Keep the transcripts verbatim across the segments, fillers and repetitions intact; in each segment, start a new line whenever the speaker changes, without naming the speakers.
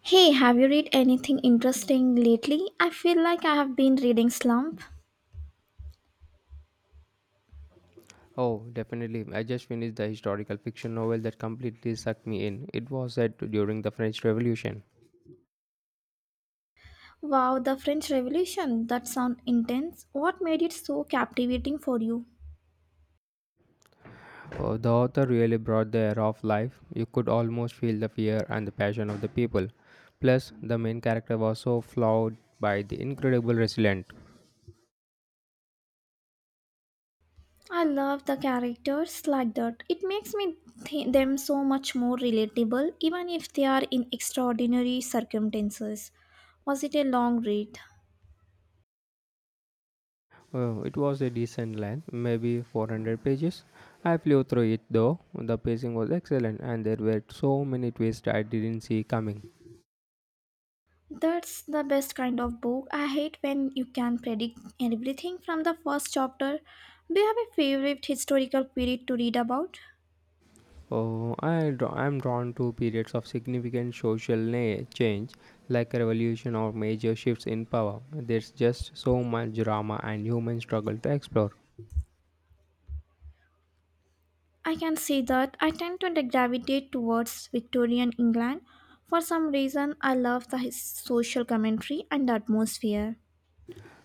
Hey, have you read anything interesting lately? I feel like I have been reading Slump.
Oh, definitely. I just finished the historical fiction novel that completely sucked me in. It was set during the French Revolution.
Wow, the French Revolution. That sounds intense. What made it so captivating for you?
Uh, the author really brought the era of life. You could almost feel the fear and the passion of the people. Plus, the main character was so flawed by the incredible resilient.
I love the characters like that. It makes me th- them so much more relatable, even if they are in extraordinary circumstances. Was it a long read?
Uh, it was a decent length, maybe four hundred pages. I flew through it though. The pacing was excellent, and there were so many twists I didn't see coming.
That's the best kind of book. I hate when you can predict everything from the first chapter. Do you have a favorite historical period to read about?
Oh, I draw, I'm drawn to periods of significant social na- change, like a revolution or major shifts in power. There's just so much drama and human struggle to explore.
I can see that I tend to gravitate towards Victorian England. For some reason, I love the his- social commentary and the atmosphere.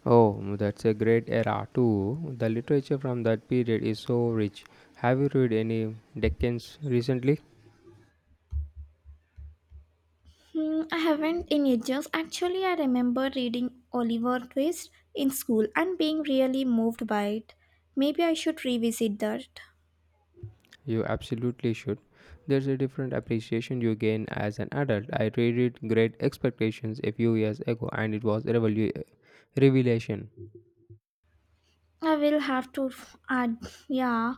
Oh, that's a great era too. The literature from that period is so rich. Have you read any Dickens recently?
Hmm, I haven't in ages. Actually, I remember reading Oliver Twist in school and being really moved by it. Maybe I should revisit that.
You absolutely should. There's a different appreciation you gain as an adult. I read it Great Expectations a few years ago, and it was a revelu- revelation.
I will have to f- add, yeah,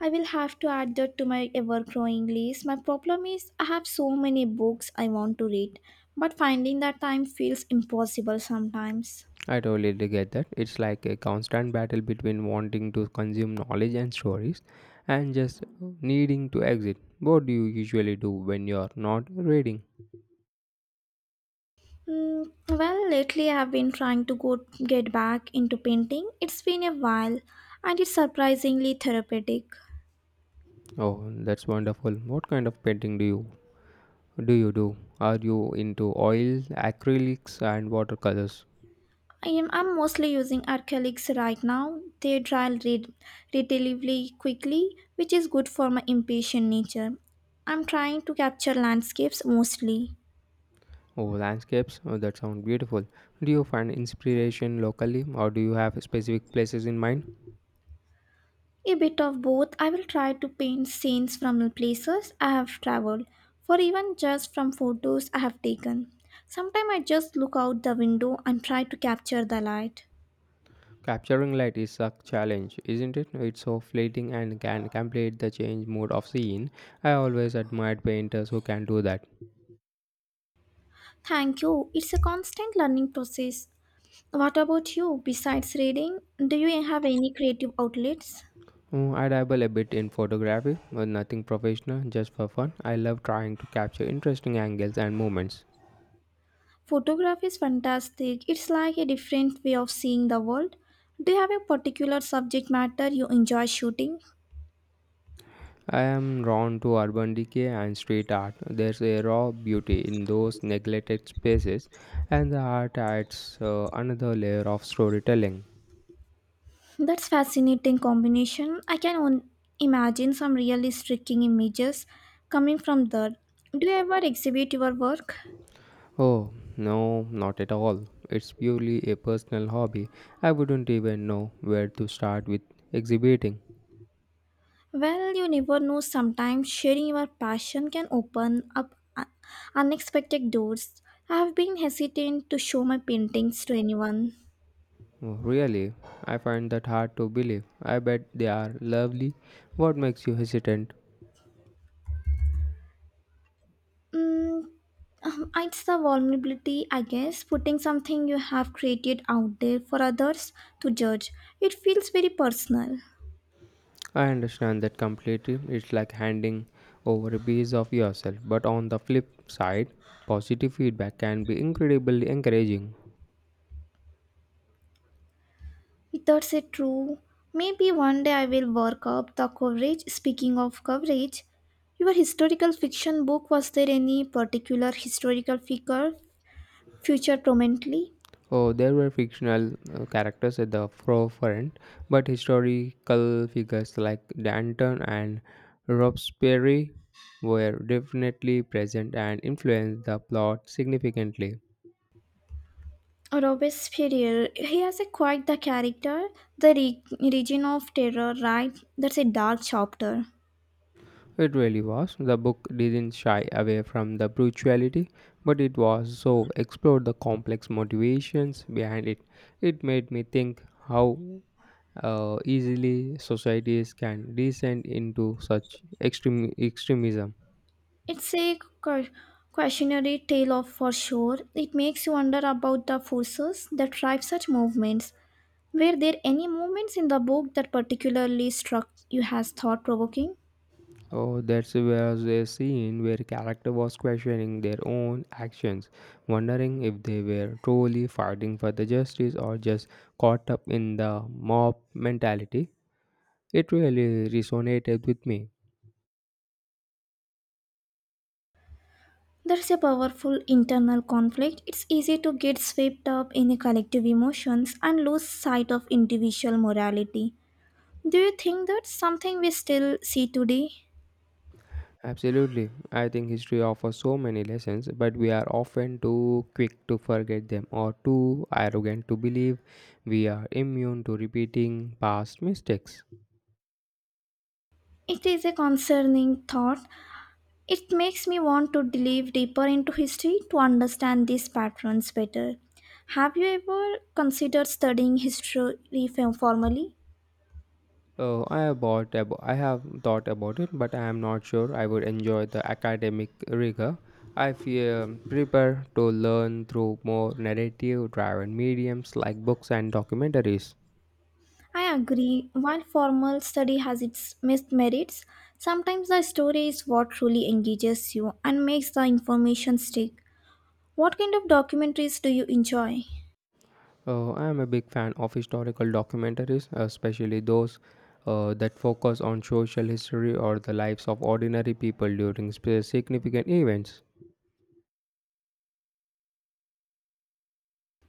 I will have to add that to my ever growing list. My problem is I have so many books I want to read, but finding that time feels impossible sometimes.
I totally get that. It's like a constant battle between wanting to consume knowledge and stories and just needing to exit. What do you usually do when you're not reading?
Mm, well, lately I have been trying to go get back into painting. It's been a while and it's surprisingly therapeutic.
Oh, that's wonderful. What kind of painting do you do you do? Are you into oils, acrylics and watercolors?
I am I'm mostly using acrylics right now. They dry red, relatively quickly, which is good for my impatient nature. I'm trying to capture landscapes mostly.
Oh, landscapes. Oh, that sounds beautiful. Do you find inspiration locally or do you have specific places in mind?
A bit of both. I will try to paint scenes from places I have traveled, for even just from photos I have taken. Sometimes I just look out the window and try to capture the light.
Capturing light is a challenge, isn't it? It's so fleeting and can complete the change mode of scene. I always admired painters who can do that.
Thank you. It's a constant learning process. What about you? Besides reading, do you have any creative outlets?
Mm, I dabble a bit in photography, but nothing professional, just for fun. I love trying to capture interesting angles and moments.
Photography is fantastic. It's like a different way of seeing the world. Do you have a particular subject matter you enjoy shooting?
I am drawn to urban decay and street art. There's a raw beauty in those neglected spaces, and the art adds uh, another layer of storytelling.
That's fascinating combination. I can on- imagine some really striking images coming from there. Do you ever exhibit your work?
Oh, no, not at all. It's purely a personal hobby. I wouldn't even know where to start with exhibiting.
Well, you never know. Sometimes sharing your passion can open up u- unexpected doors. I have been hesitant to show my paintings to anyone.
Oh, really, I find that hard to believe. I bet they are lovely. What makes you hesitant?
Mm, um, it's the vulnerability, I guess, putting something you have created out there for others to judge. It feels very personal.
I understand that completely. It's like handing over a piece of yourself. But on the flip side, positive feedback can be incredibly encouraging.
That's it true. Maybe one day I will work up the coverage. Speaking of coverage, your historical fiction book was there any particular historical figure featured prominently?
Oh, there were fictional uh, characters at the forefront, but historical figures like Danton and Robespierre were definitely present and influenced the plot significantly.
Robespierre, he has a quite the character, the re- region of terror, right? That's a dark chapter.
It really was. The book didn't shy away from the brutality, but it was so explored the complex motivations behind it. It made me think how uh, easily societies can descend into such extreme extremism.
It's a cau- cautionary tale of for sure. It makes you wonder about the forces that drive such movements. Were there any moments in the book that particularly struck you as thought provoking?
Oh, that was a scene where character was questioning their own actions, wondering if they were truly fighting for the justice or just caught up in the mob mentality. It really resonated with me.
There's a powerful internal conflict. It's easy to get swept up in a collective emotions and lose sight of individual morality. Do you think that's something we still see today?
Absolutely. I think history offers so many lessons, but we are often too quick to forget them or too arrogant to believe we are immune to repeating past mistakes.
It is a concerning thought, it makes me want to delve deeper into history to understand these patterns better. Have you ever considered studying history f- formally?
Oh, I have bought abo- I have thought about it, but I am not sure I would enjoy the academic rigor. I feel prepared to learn through more narrative-driven mediums like books and documentaries.
I agree, while formal study has its missed merits, sometimes the story is what truly engages you and makes the information stick. What kind of documentaries do you enjoy?
Oh, I am a big fan of historical documentaries, especially those uh, that focus on social history or the lives of ordinary people during spe- significant events.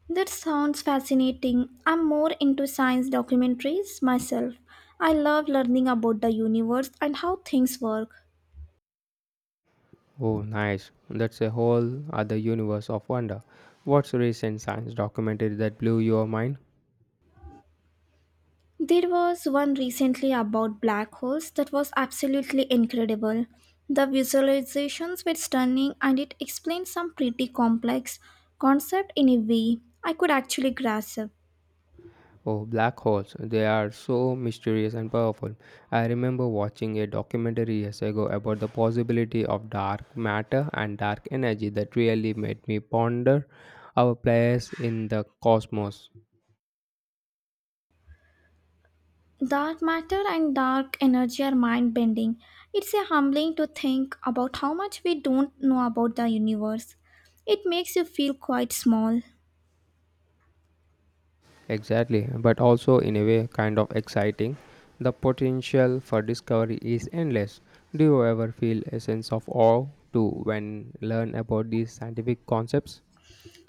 That sounds fascinating. I'm more into science documentaries myself. I love learning about the universe and how things work.
Oh, nice! That's a whole other universe of wonder. What's a recent science documentary that blew your mind?
There was one recently about black holes that was absolutely incredible. The visualizations were stunning and it explained some pretty complex concept in a way I could actually grasp.
Oh, black holes. They are so mysterious and powerful. I remember watching a documentary years ago about the possibility of dark matter and dark energy that really made me ponder our place in the cosmos.
Dark matter and dark energy are mind bending. It's a humbling to think about how much we don't know about the universe. It makes you feel quite small.
Exactly, but also in a way kind of exciting. The potential for discovery is endless. Do you ever feel a sense of awe to when learn about these scientific concepts?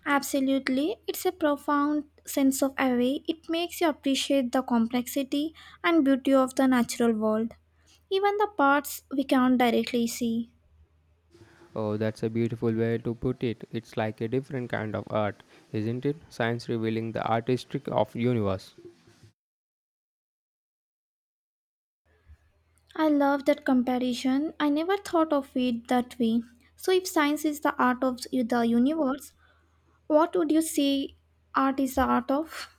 Absolutely, it's a profound sense of awe. It makes you appreciate the complexity and beauty of the natural world, even the parts we can't directly see.
Oh, that's a beautiful way to put it. It's like a different kind of art, isn't it? Science revealing the artistic of universe.
I love that comparison. I never thought of it that way. So, if science is the art of the universe, what would you say art is the art of?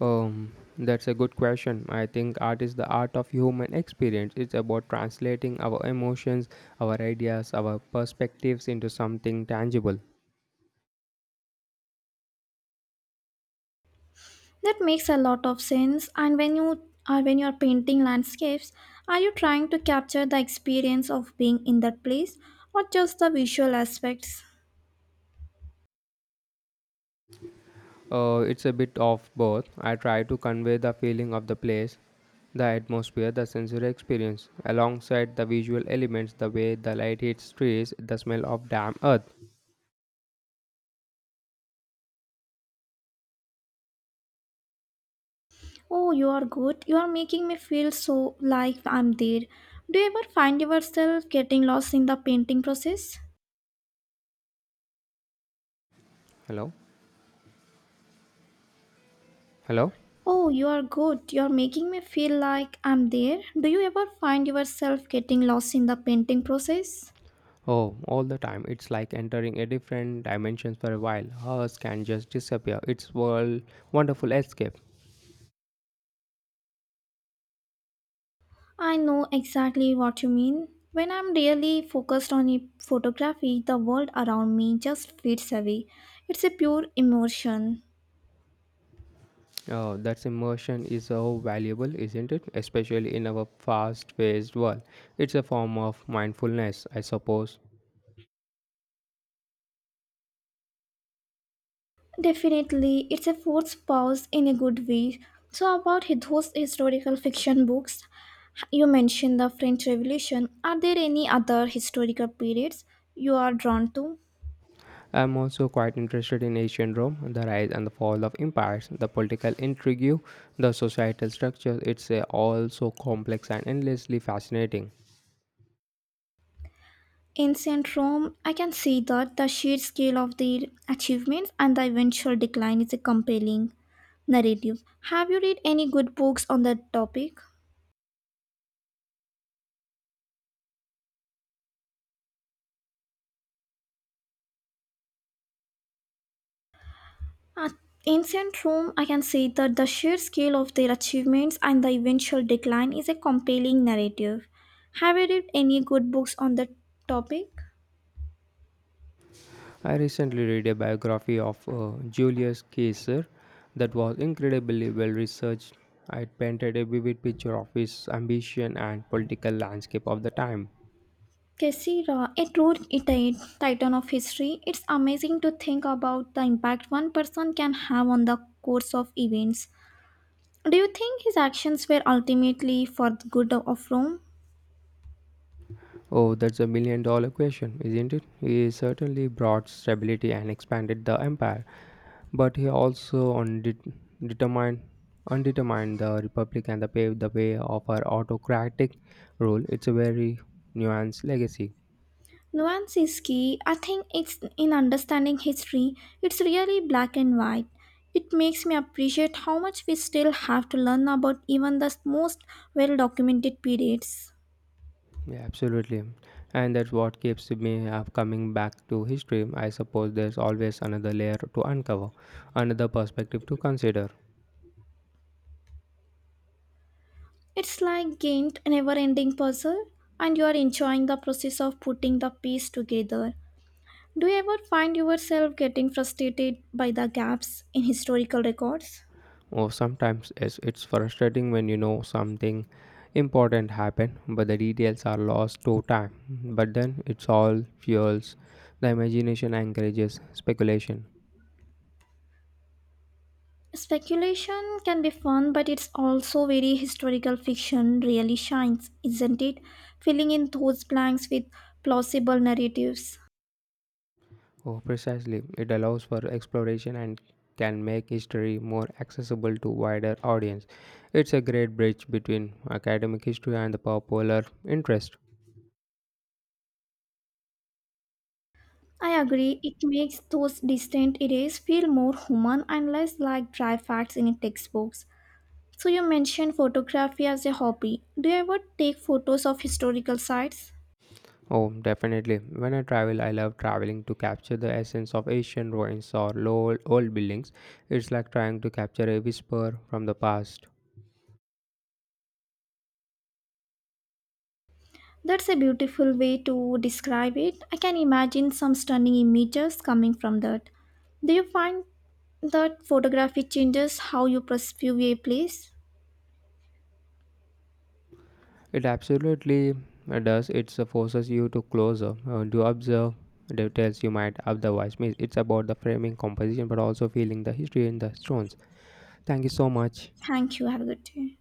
Um, that's a good question. I think art is the art of human experience. It's about translating our emotions, our ideas, our perspectives into something tangible.
That makes a lot of sense. And when you are when you're painting landscapes, are you trying to capture the experience of being in that place or just the visual aspects?
Uh, it's a bit of both. I try to convey the feeling of the place, the atmosphere, the sensory experience, alongside the visual elements, the way the light hits trees, the smell of damp earth.
Oh, you are good. You are making me feel so like I'm there. Do you ever find yourself getting lost in the painting process?
Hello? Hello?
Oh, you are good. You are making me feel like I'm there. Do you ever find yourself getting lost in the painting process?
Oh, all the time. It's like entering a different dimension for a while. Ours can just disappear. It's world wonderful escape.
I know exactly what you mean. When I'm really focused on a photography, the world around me just fades away. It's a pure emotion.
Oh, that immersion is so valuable, isn't it? Especially in our fast-paced world. It's a form of mindfulness, I suppose.
Definitely, it's a forced pause in a good way. So, about hi- those historical fiction books, you mentioned the French Revolution. Are there any other historical periods you are drawn to?
I'm also quite interested in ancient Rome, the rise and the fall of empires, the political intrigue, the societal structure. It's uh, all so complex and endlessly fascinating.
Ancient Rome, I can see that the sheer scale of their achievements and the eventual decline is a compelling narrative. Have you read any good books on that topic? At Ancient Rome, I can say that the sheer scale of their achievements and the eventual decline is a compelling narrative. Have you read any good books on the topic?
I recently read a biography of uh, Julius Caesar that was incredibly well researched. It painted a vivid picture of his ambition and political landscape of the time.
Caesar, a true Italian titan of history, it's amazing to think about the impact one person can have on the course of events. Do you think his actions were ultimately for the good of Rome?
Oh, that's a million dollar question, isn't it? He certainly brought stability and expanded the empire, but he also undet- determined undetermined the republic and the paved the way of her autocratic rule. It's a very nuanced legacy.
Nuance is key. I think it's in understanding history, it's really black and white. It makes me appreciate how much we still have to learn about even the most well documented periods.
Yeah, absolutely. And that's what keeps me uh, coming back to history. I suppose there's always another layer to uncover, another perspective to consider.
It's like gained a never ending puzzle, and you are enjoying the process of putting the piece together. Do you ever find yourself getting frustrated by the gaps in historical records?
Or sometimes it's, it's frustrating when you know something important happened, but the details are lost to time. But then it's all fuels the imagination, encourages speculation.
Speculation can be fun, but it's also very historical fiction really shines, isn't it? Filling in those blanks with plausible narratives.
Oh, precisely. It allows for exploration and can make history more accessible to wider audience. It's a great bridge between academic history and the popular interest.
I agree, it makes those distant eras feel more human and less like dry facts in textbooks. So, you mentioned photography as a hobby. Do you ever take photos of historical sites?
Oh, definitely. When I travel, I love traveling to capture the essence of ancient ruins or low old buildings. It's like trying to capture a whisper from the past.
That's a beautiful way to describe it. I can imagine some stunning images coming from that. Do you find that photography changes how you perceive a place?
It absolutely uh, does. It uh, forces you to closer uh, to observe details you might otherwise miss. It's about the framing composition, but also feeling the history in the stones. Thank you so much.
Thank you. Have a good day.